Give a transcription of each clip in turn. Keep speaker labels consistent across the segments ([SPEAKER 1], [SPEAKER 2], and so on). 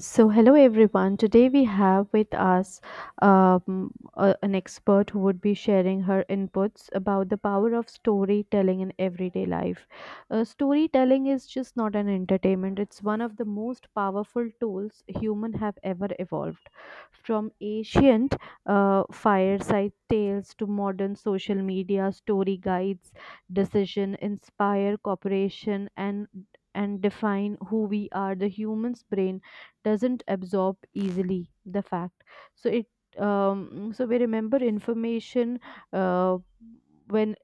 [SPEAKER 1] So, hello everyone. Today we have with us an expert who would be sharing her inputs about the power of storytelling in everyday life. Storytelling is just not an entertainment, it's one of the most powerful tools human have ever evolved. From ancient fireside tales to modern social media, story guides, decision, inspire cooperation, and define who we are. The human's brain doesn't absorb easily the fact, so it so we remember information uh, when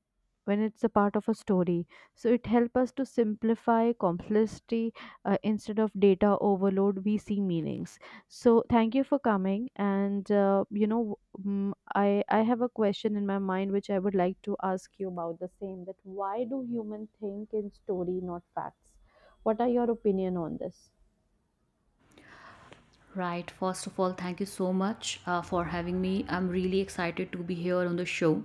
[SPEAKER 1] when it's a part of a story. So it helps us to simplify complexity. Instead of data overload we see meanings. So thank you for coming, and I have a question in my mind which I would like to ask you about the same, that why do humans think in story, not facts? What are your opinion on this?
[SPEAKER 2] Right. First of all, thank you so much for having me. I'm really excited to be here on the show.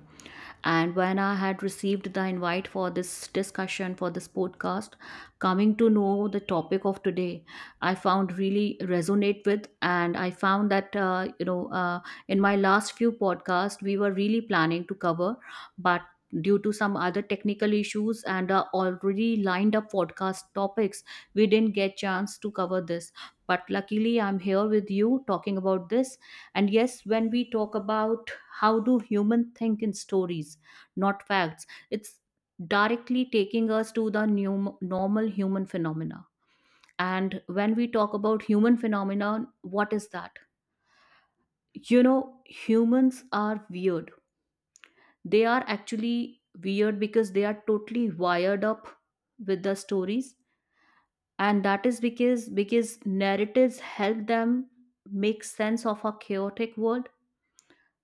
[SPEAKER 2] And when I had received the invite for this discussion, for this podcast, coming to know the topic of today, I found really resonate with. And I found that, in my last few podcasts, we were really planning to cover, but due to some other technical issues and already lined up podcast topics, we didn't get chance to cover this, but luckily I'm here with you talking about this. And yes, when we talk about how do humans think in stories, not facts, it's directly taking us to the new, normal human phenomena. And when we talk about human phenomena, what is that? You know, humans are weird. They are actually weird because they are totally wired up with the stories. And that is because narratives help them make sense of a chaotic world.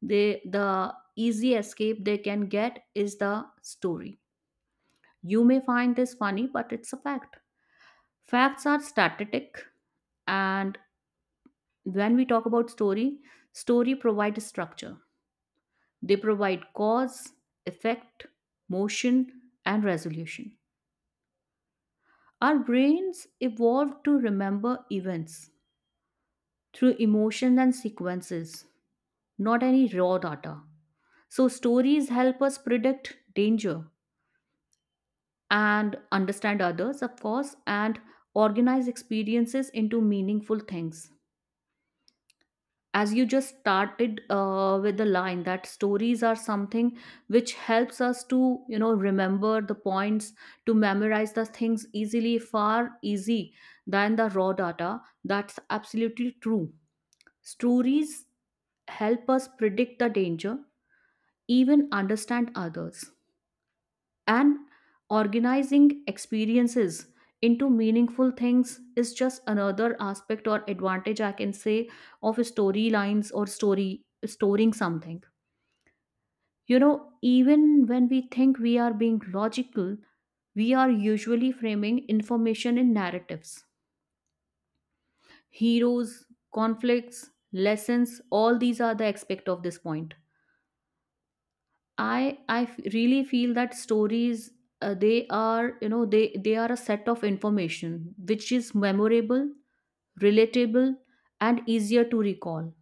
[SPEAKER 2] They the easy escape they can get is the story. You may find this funny, but it's a fact. Facts are static, and when we talk about story, story provides structure. They provide cause, effect, motion, and resolution. Our brains evolved to remember events through emotions and sequences, not any raw data. So, stories help us predict danger and understand others, of course, and organize experiences into meaningful things. As you just started with the line that stories are something which helps us to remember the points, to memorize the things easily, far easy than the raw data, that's absolutely true. Stories help us predict the danger, even understand others, and organizing experiences into meaningful things is just another aspect or advantage I can say of storylines or story storing something. You know, even when we think we are being logical, we are usually framing information in narratives. Heroes, conflicts, lessons, all these are the aspect of this point. Really feel that stories, they are, they are a set of information which is memorable, relatable, and easier to recall.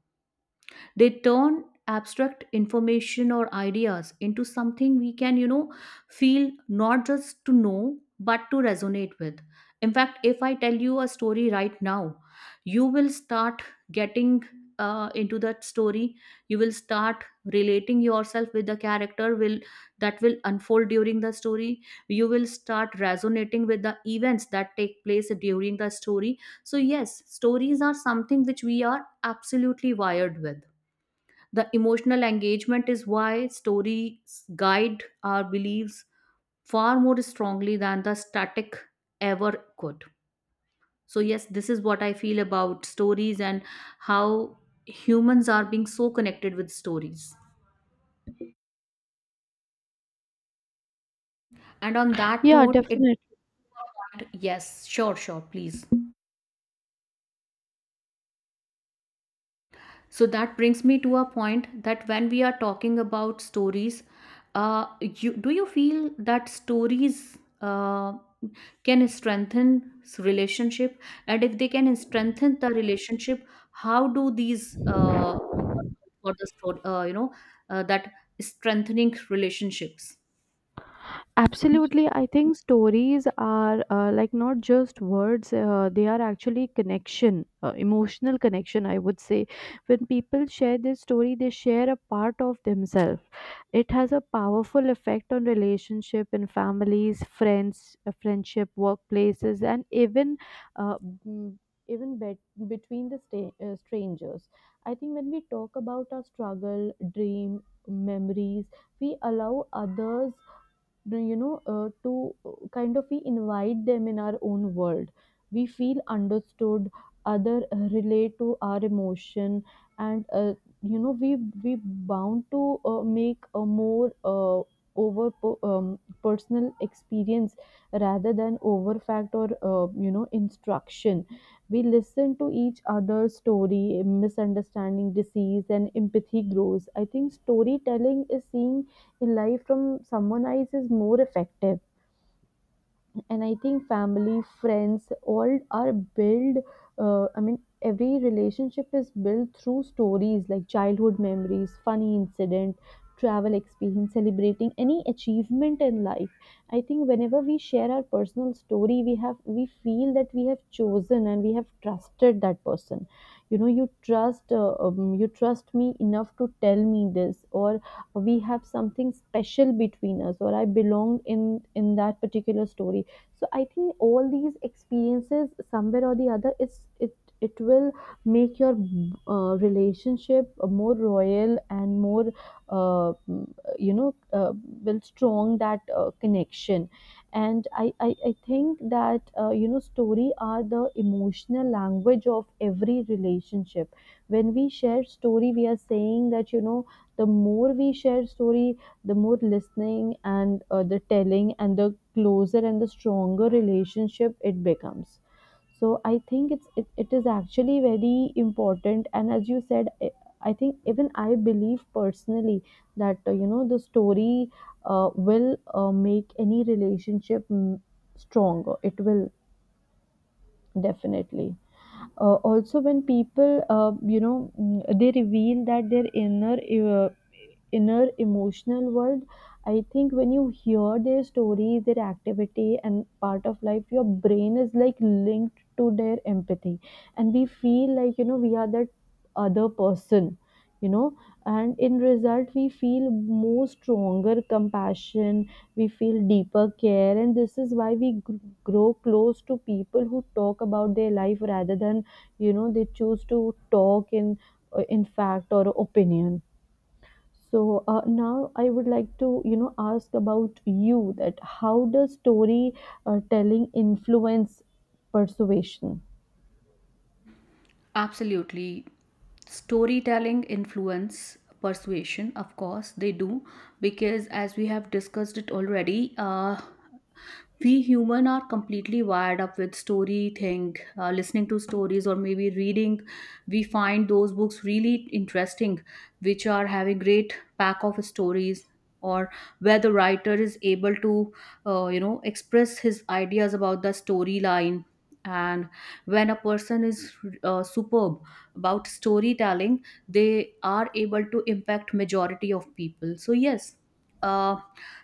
[SPEAKER 2] They turn abstract information or ideas into something we can, feel, not just to know but to resonate with. In fact, if I tell you a story right now, you will start getting into that story. You will start relating yourself with the character will that will unfold during the story. You will start resonating with the events that take place during the story. So yes, stories are something which we are absolutely wired with. The emotional engagement is why stories guide our beliefs far more strongly than the static ever could. So, yes, this is what I feel about stories and how humans are being so connected with stories. And on that
[SPEAKER 1] Yeah,
[SPEAKER 2] note, it
[SPEAKER 1] definitely.
[SPEAKER 2] yes, sure, sure, please. So that brings me to a point that when we are talking about stories, do you feel that stories can relationship? And if they can strengthen the relationship, how do these work for the that strengthening relationships?
[SPEAKER 1] Absolutely, I think stories are like not just words, they are actually connection, emotional connection, I would say. When people share their story, they share a part of themselves. It has a powerful effect on relationship in families, friends, friendship, workplaces, and even uh, mm, even bet between the strangers. I think when we talk about our struggle, dream, memories, we allow others, do you know to kind of, we invite them in our own world. We feel understood. Other relate to our emotion, and you know we we bound to make a more personal experience rather than over fact, or instruction. We listen to each other's story, misunderstanding disease and empathy grows. I think storytelling is seeing in life from someone else is more effective, and I think family, friends, all are built, every relationship is built through stories, like childhood memories, funny incident, travel experience, celebrating any achievement in life. I think whenever we share our personal story, we feel that we have chosen and we have trusted that person. You know, you trust me enough to tell me this, or we have something special between us, or I belong in that particular story. So I think all these experiences, somewhere or the other, it it will make your relationship more royal and more, uh, you know uh, will strong that connection. And I think that story are the emotional language of every relationship. When we share story, we are saying that, you know, the more we share story, the more listening and the telling and the closer and the stronger relationship it becomes. So I think it is actually very important, and as you said, I think even I believe personally that the story will make any relationship stronger. It will definitely also, when people, they reveal that their inner inner emotional world, I think when you hear their stories, their activity, and part of life, your brain is like linked to their empathy, and we feel like, you know, we are that other person, you know, and in result we feel more stronger compassion, we feel deeper care, and this is why we grow close to people who talk about their life rather than, you know, they choose to talk in fact or opinion. So now I would like to, ask about you, that how does story telling influence persuasion?
[SPEAKER 2] Absolutely, storytelling influence persuasion, of course they do, because as we have discussed it already, we human are completely wired up with story thing. Listening to stories or maybe reading, we find those books really interesting which are having great pack of stories, or where the writer is able to express his ideas about the storyline. And when a person is superb about storytelling, they are able to impact majority of people. So yes, uh,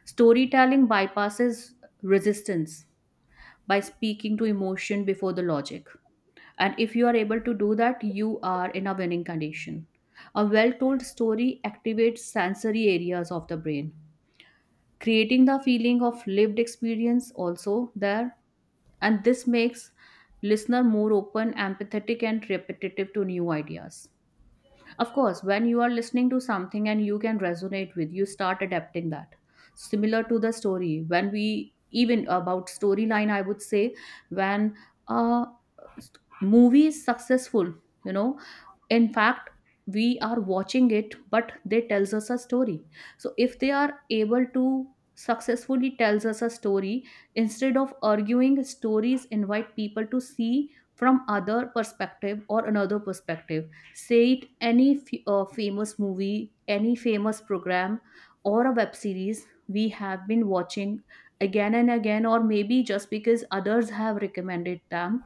[SPEAKER 2] storytelling bypasses resistance by speaking to emotion before the logic. And if you are able to do that, you are in a winning condition. A well told story activates sensory areas of the brain, creating the feeling of lived experience also there. And this makes listener more open, empathetic, and repetitive to new ideas. Of course, when you are listening to something and you can resonate with, you start adapting that. Similar to the story, when we even about storyline, I would say, when a movie is successful, you know, in fact we are watching it, but they tells us a story. So if they are able to successfully tells us a story, instead of arguing, stories invite people to see from other perspective or another perspective. Say it any famous movie, any famous program, or a web series we have been watching again and again, or maybe just because others have recommended them,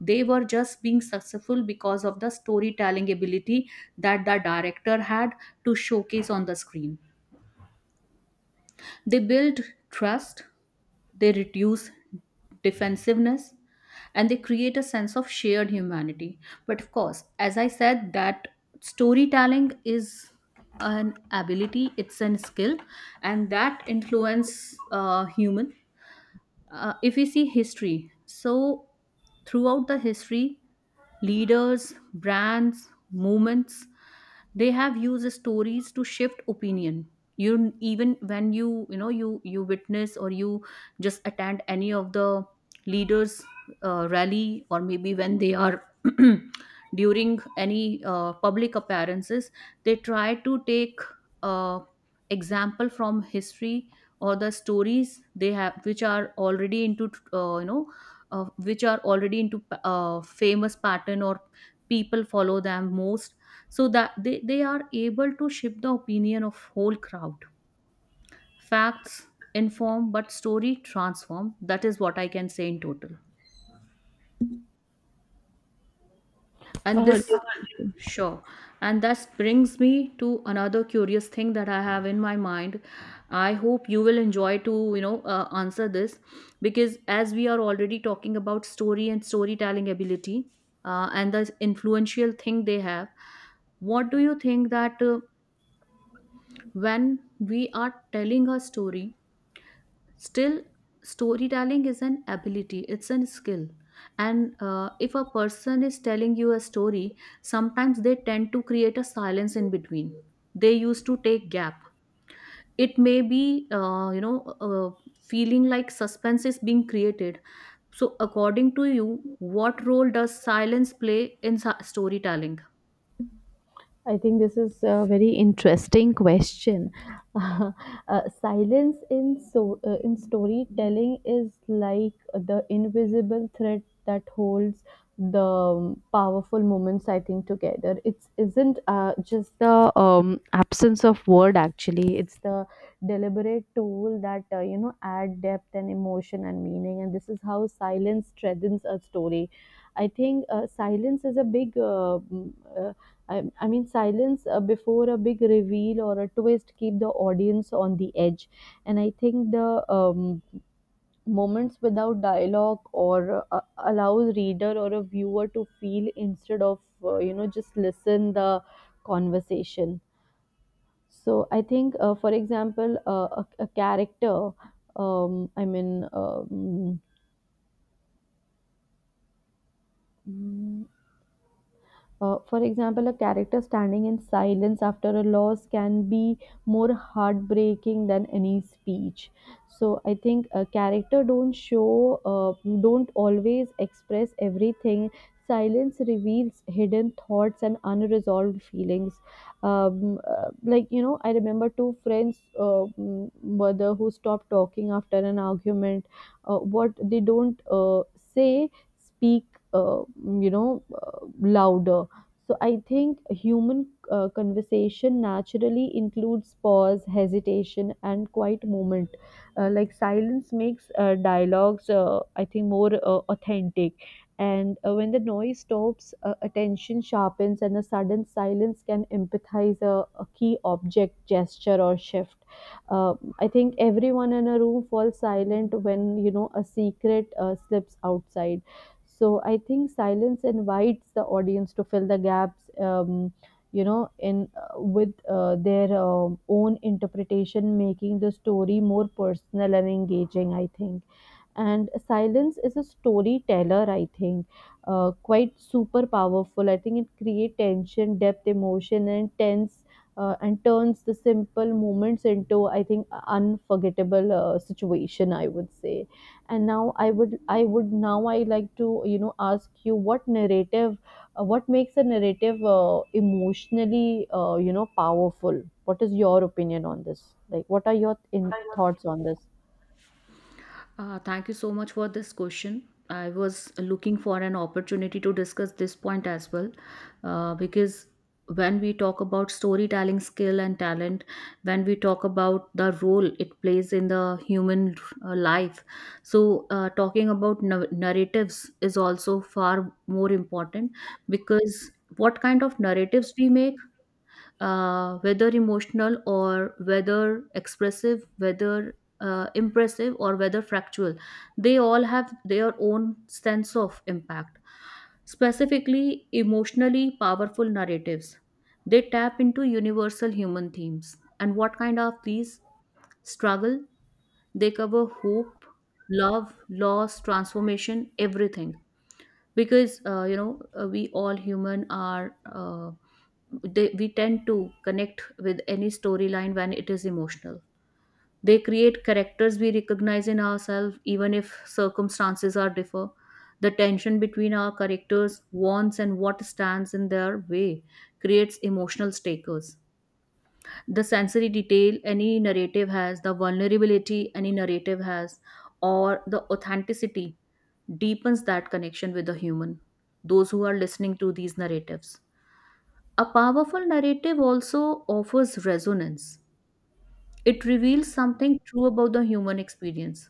[SPEAKER 2] they were just being successful because of the storytelling ability that the director had to showcase on the screen. They build trust, they reduce defensiveness, and they create a sense of shared humanity. But of course, as I said that storytelling is an ability, it's an skill, and that influence human. If we see history, so throughout the history, leaders, brands, movements, they have used stories to shift opinion. You, even when you witness or you just attend any of the leaders' rally, or maybe when they are during any public appearances, they try to take uh, example from history or the stories they have, which are already into which are already into famous pattern, or people follow them most, so that they are able to shift the opinion of whole crowd. Facts inform, but story transform. That is what I can say in total. And this
[SPEAKER 1] Definitely.
[SPEAKER 2] sure, and that brings me to another curious thing that I have in my mind. I hope you will enjoy to answer this, because as we are already talking about story and storytelling ability, and the influential thing they have, what do you think that, when we are telling a story, still, storytelling is an ability, it's a skill. And if a person is telling you a story, sometimes they tend to create a silence in between. They used to take gap. It may be, feeling like suspense is being created. So, according to you, what role does silence play in storytelling?
[SPEAKER 1] I think this is a very interesting question. Silence in in storytelling is like the invisible thread that holds the powerful moments, I think, together. It's isn't just the absence of word. Actually, it's the deliberate tool that add depth and emotion and meaning. And this is how silence strengthens a story. I think silence is a big. Mm, uh, I mean, silence before a big reveal or a twist keep the audience on the edge, and I think the moments without dialogue or allows reader or a viewer to feel instead of just listen the conversation. So I think, for example, a character. Um, I mean, um, for example, a character standing in silence after a loss can be more heartbreaking than any speech. So I think a character don't show, don't always express everything. Silence reveals hidden thoughts and unresolved feelings. Like, you know, I remember two friends, mm, whether who stopped talking after an argument. What they don't say, speak. Uh, you know, louder. So I think human conversation naturally includes pause, hesitation, and quiet moment. Like, silence makes dialogues, I think, more authentic. And when the noise stops, attention sharpens, and a sudden silence can empathize a key object, gesture, or shift. I think everyone in a room falls silent when, you know, a secret slips outside. So I think silence invites the audience to fill the gaps, you know, in with their own interpretation, making the story more personal and engaging, I think. And silence is a storyteller, I think, quite super powerful. I think it creates tension, depth, emotion, and tense, and turns the simple moments into, I think, unforgettable situation, I would say. And now I would now I like to, you know, ask you, what narrative, what makes a narrative emotionally, powerful? What is your opinion on this? Like, what are your in thoughts on this?
[SPEAKER 2] Thank you so much for this question. I was looking for an opportunity to discuss this point as well, because when we talk about storytelling skill and talent, when we talk about the role it plays in the human life, so talking about narratives is also far more important, because what kind of narratives we make, whether emotional or whether expressive, whether impressive or whether factual, they all have their own sense of impact. Specifically, emotionally powerful narratives. They tap into universal human themes. And what kind of these struggle? They cover hope, love, loss, transformation, everything. Because, we all human are. They, we tend to connect with any storyline when it is emotional. They create characters we recognize in ourselves, even if circumstances are differ. The tension between our characters wants and what stands in their way creates emotional stakers. The sensory detail any narrative has, the vulnerability any narrative has, or the authenticity, deepens that connection with the human, those who are listening to these narratives. A powerful narrative also offers resonance. It reveals something true about the human experience.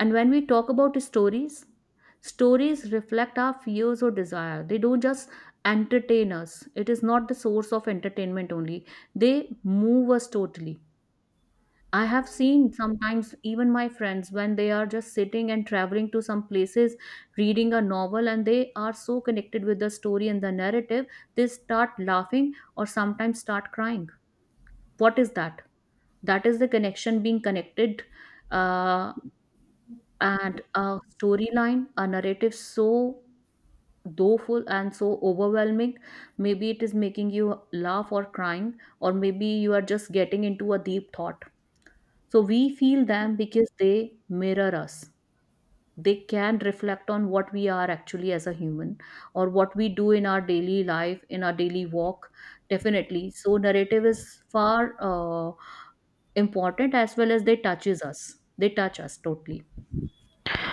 [SPEAKER 2] And when we talk about stories, stories reflect our fears or desire. They don't just entertain us, it is not the source of entertainment only. They move us totally. I have seen sometimes even my friends, when they are just sitting and traveling to some places, reading a novel, and they are so connected with the story and the narrative, they start laughing or sometimes start crying. What is that? That is the connection, being connected, uh, and a storyline, a narrative so doleful and so overwhelming. Maybe it is making you laugh or crying, or maybe you are just getting into a deep thought. So we feel them because they mirror us. They can reflect on what we are actually as a human, or what we do in our daily life, in our daily walk, definitely. So narrative is far important, as well as they touches us. They touch us totally.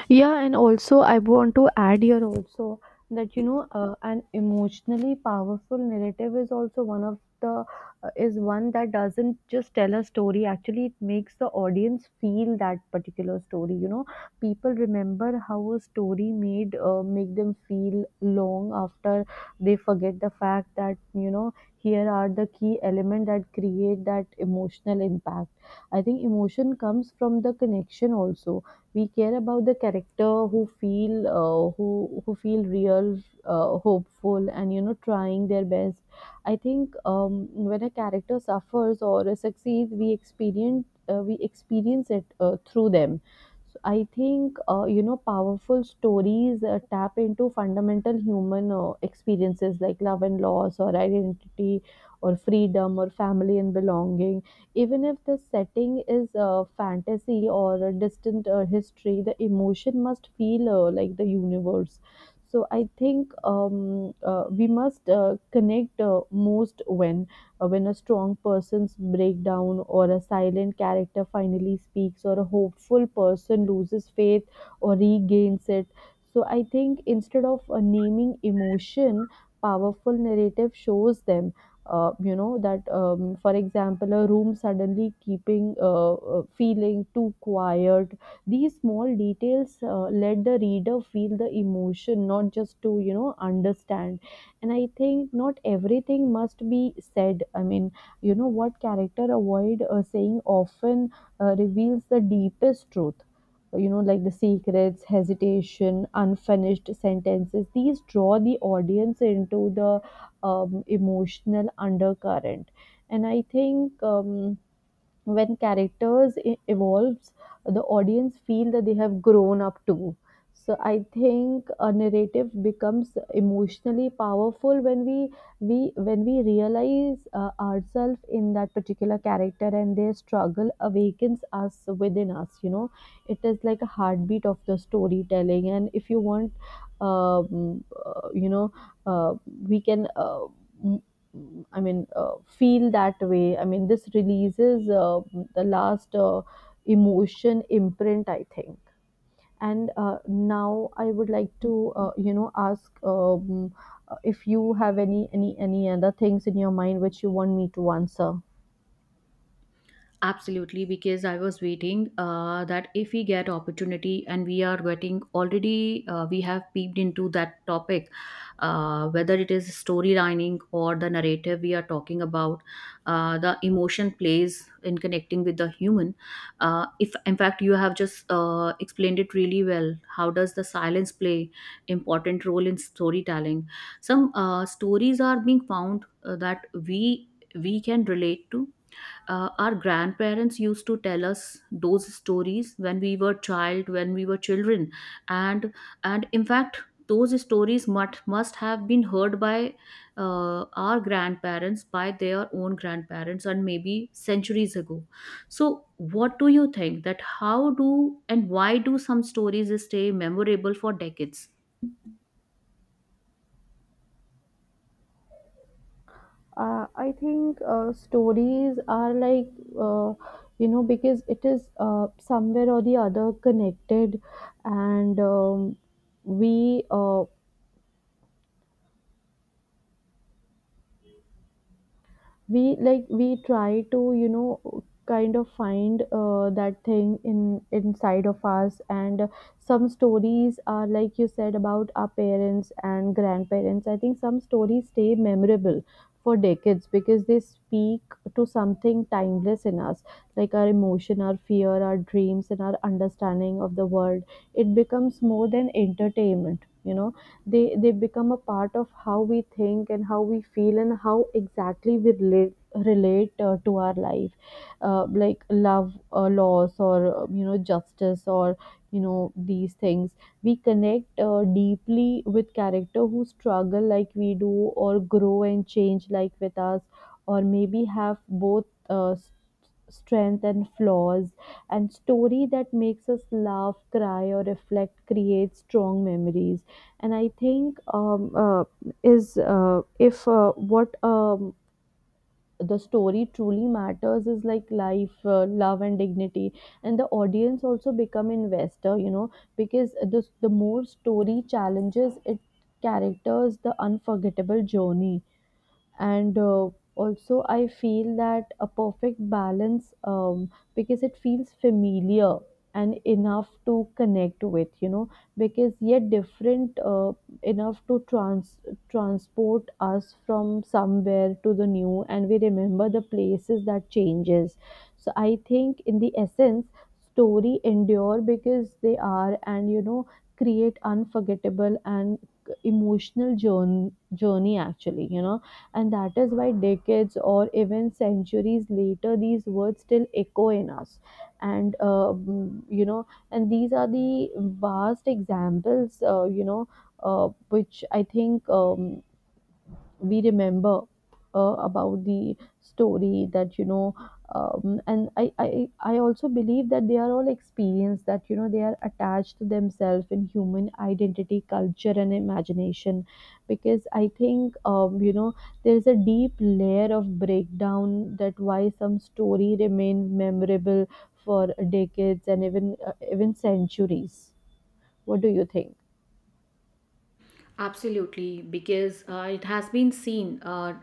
[SPEAKER 1] Yeah, and also I want to add here also that, you know, an emotionally powerful narrative is also one of the is one that doesn't just tell a story. Actually, it makes the audience feel that particular story. You know, people remember how a story made make them feel long after they forget the fact that, you know, here are the key element that create that emotional impact. I think emotion comes from the connection also. We care about the character who feel who feel real, hopeful, and, you know, trying their best. I think when a character suffers or succeeds, we experience it through them. So I think, powerful stories tap into fundamental human experiences like love and loss, or identity, or freedom, or family and belonging. Even if the setting is fantasy or a distant history, the emotion must feel like the universe. So I think we must connect most when a strong person's breakdown, or a silent character finally speaks, or a hopeful person loses faith or regains it. So I think instead of naming emotion, powerful narrative shows them, that for example, a room suddenly keeping feeling too quiet, these small details let the reader feel the emotion, not just to, you know, understand. And I think not everything must be said. I mean, you know, what character avoid saying often reveals the deepest truth. You know, like the secrets, hesitation, unfinished sentences, these draw the audience into the emotional undercurrent. And I think when characters evolves, the audience feel that they have grown up too. So I think a narrative becomes emotionally powerful when we when we realize ourselves in that particular character, and their struggle awakens us within us, you know. It is like a heartbeat of the storytelling. And if you want, you know uh, we can I mean, feel that way. I mean, this releases the last emotion imprint, I think. And now I would like to, ask, if you have any other things in your mind which you want me to answer.
[SPEAKER 2] Absolutely, because I was waiting that if we get opportunity, and we are getting already, we have peeped into that topic, whether it is storylining or the narrative we are talking about, the emotion plays in connecting with the human. If in fact you have just explained it really well, how does the silence play important role in storytelling? Some stories are being found that we can relate to. Our grandparents used to tell us those stories when we were children, and and in fact, those stories must have been heard by our grandparents by their own grandparents, and maybe centuries ago. So what do you think, that how do and why do some stories stay memorable for decades?
[SPEAKER 1] I think stories are like, uh, you know, because it is somewhere or the other connected, and we. We like we try to you know kind of find that thing in inside of us. And some stories are like you said about our parents and grandparents. I think some stories stay memorable for decades because they speak to something timeless in us, like our emotion, our fear, our dreams, and our understanding of the world. It becomes more than entertainment, you know, they become a part of how we think and how we feel and how exactly we relate to our life, like love, loss, or you know, justice, or you know, these things. We connect deeply with character who struggle like we do, or grow and change like with us, or maybe have both strength and flaws. And story that makes us laugh, cry, or reflect creates strong memories. And I think is if what the story truly matters is like life, love, and dignity. And the audience also become investor, you know, because the more story challenges it, characters, the unforgettable journey. And also I feel that a perfect balance, because it feels familiar and enough to connect with, you know, because yet different, enough to transport us from somewhere to the new, and we remember the places that changes. So I think in the essence, story endure because they are, and you know, create unforgettable and emotional journey actually, you know. And that is why decades or even centuries later, these words still echo in us. You know, and these are the vast examples, you know, which I think we remember about the story that you know. And I also believe that they are all experienced, that you know, they are attached to themselves in human identity, culture, and imagination. Because I think, you know, there's a deep layer of breakdown that why some story remain memorable for decades and even even centuries. What do you think?
[SPEAKER 2] Absolutely, because it has been seen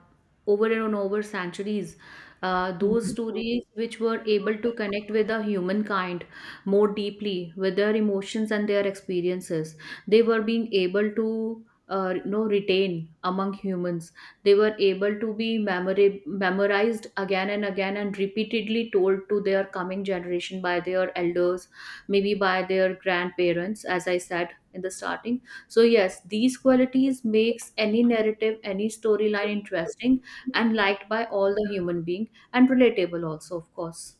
[SPEAKER 2] over and over centuries. Those stories which were able to connect with the humankind more deeply with their emotions and their experiences, they were being able to retain among humans. They were able to be memorized again and again and repeatedly told to their coming generation by their elders, maybe by their grandparents, as I said in the starting. So yes, these qualities makes any narrative, any storyline interesting and liked by all the human being, and relatable also, of course.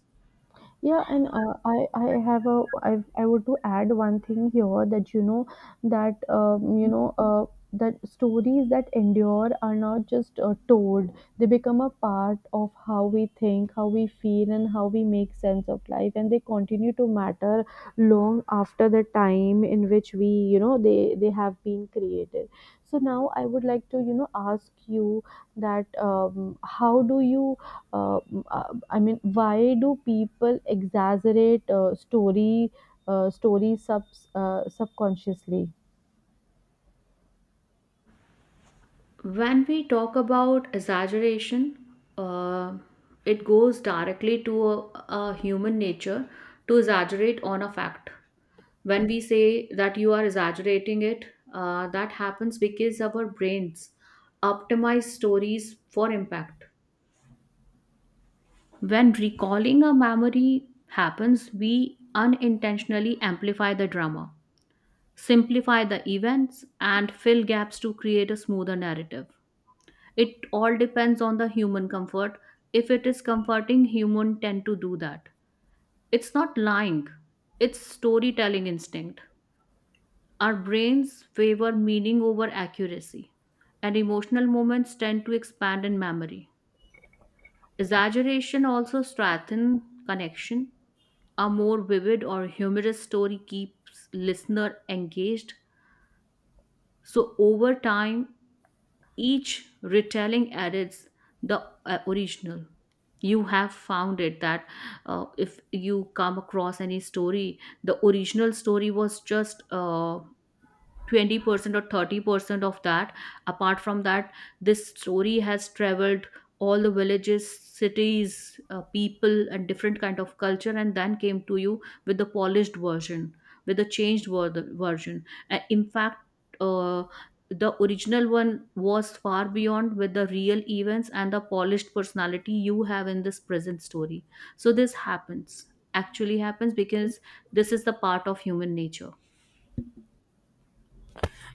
[SPEAKER 1] Yeah, and I have a I would to add one thing here, that you know, that you know, that stories that endure are not just told; they become a part of how we think, how we feel, and how we make sense of life, and they continue to matter long after the time in which we, you know, they have been created. So now I would like to, you know, ask you that, how do you, uh, I mean, why do people exaggerate story stories subconsciously?
[SPEAKER 2] When we talk about exaggeration, uh, it goes directly to a human nature to exaggerate on a fact. When we say that you are exaggerating it, that happens because our brains optimize stories for impact. When recalling a memory happens, we unintentionally amplify the drama, simplify the events, and fill gaps to create a smoother narrative. It all depends on the human comfort. If it is comforting, human tend to do that. It's not lying, it's storytelling instinct. Our brains favor meaning over accuracy, and emotional moments tend to expand in memory. Exaggeration also strengthens connection. A more vivid or humorous story keeps listener engaged. So over time, each retelling adds the original. You have found it that, if you come across any story, the original story was just 20% or 30% of that. Apart from that, this story has traveled all the villages, cities, people and different kind of culture, and then came to you with the polished version, with the version. In fact, the original one was far beyond with the real events and the polished personality you have in this present story. So this happens, actually happens because this is the part of human nature.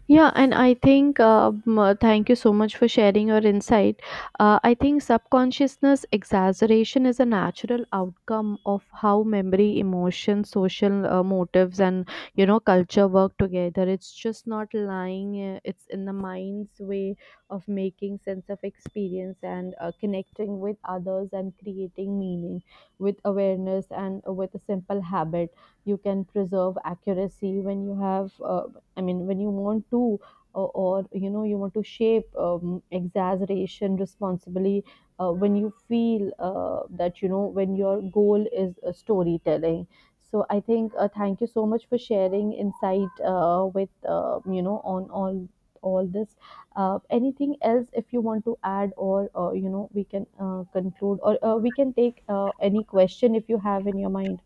[SPEAKER 1] Yeah, and I think, thank you so much for sharing your insight. I think subconsciousness exaggeration is a natural outcome of how memory, emotion, social motives, and you know, culture work together. It's just not lying. It's in the mind's way of making sense of experience and connecting with others and creating meaning with awareness and with a simple habit, you can preserve accuracy when you have, I mean, when you want to, or you know, you want to shape, exaggeration responsibly, when you feel that, you know, when your goal is storytelling. So I think, thank you so much for sharing insight, with, you know, on all this. Anything else if you want to add, or you know, we can conclude, or we can take any question if you have in your mind.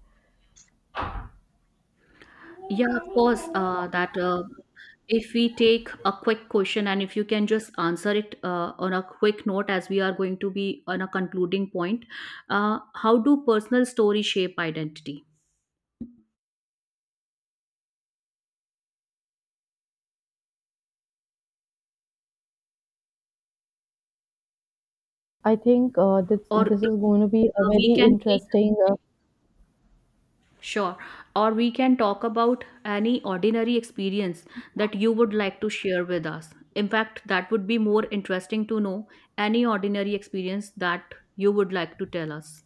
[SPEAKER 2] Yeah, of course, that if we take a quick question and if you can just answer it on a quick note, as we are going to be on a concluding point, how do personal stories shape identity?
[SPEAKER 1] I think uh, this
[SPEAKER 2] Or if,
[SPEAKER 1] this is going to be a
[SPEAKER 2] we
[SPEAKER 1] very
[SPEAKER 2] can take
[SPEAKER 1] interesting,
[SPEAKER 2] sure. Or we can talk about any ordinary experience that you would like to share with us. In fact, that would be more interesting to know, any ordinary experience that you would like to tell us.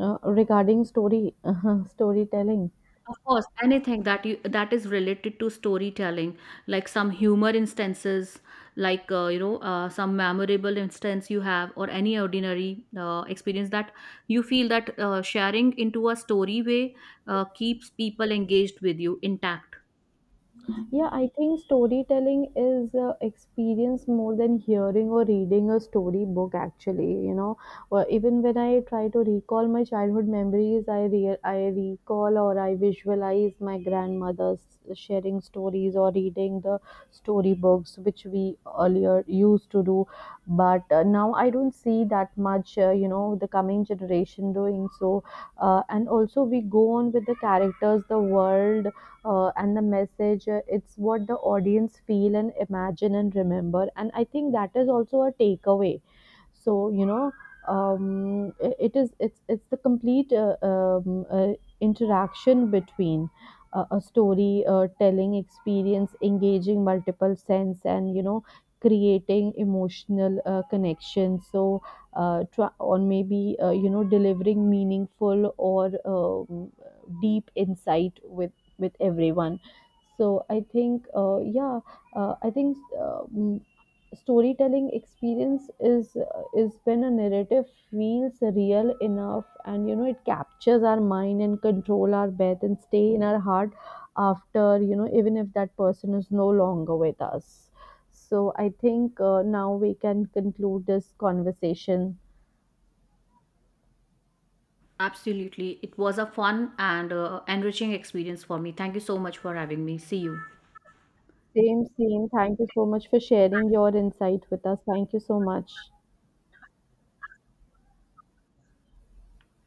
[SPEAKER 1] regarding story storytelling.
[SPEAKER 2] Of course, anything that you that is related to storytelling, like some humor instances, like some memorable instance you have, or any ordinary experience that you feel that sharing into a story way keeps people engaged with you intact.
[SPEAKER 1] Yeah, I think storytelling is experience more than hearing or reading a storybook. Actually, you know, or even when I try to recall my childhood memories, I recall or I visualize my grandmother's sharing stories or reading the storybooks which we earlier used to do. But now I don't see that much. You know, the coming generation doing so, and also we go on with the characters, the world, and the message, it's what the audience feel and imagine and remember. And I think that is also a takeaway. So you know, I- it is it's the complete interaction between a story telling experience, engaging multiple sense, and you know, creating emotional connection. So try, or maybe you know, delivering meaningful or deep insight with everyone. So I think, yeah, uh, i think uh, mm, storytelling experience is when a narrative feels real enough, and you know, it captures our mind and control our breath and stay in our heart after, you know, even if that person is no longer with us. So I think, now we can conclude this conversation.
[SPEAKER 2] Absolutely, it was a fun and enriching experience for me. Thank you so much for having me. See you.
[SPEAKER 1] Same, same, thank you so much for sharing your insight with us. Thank you so much.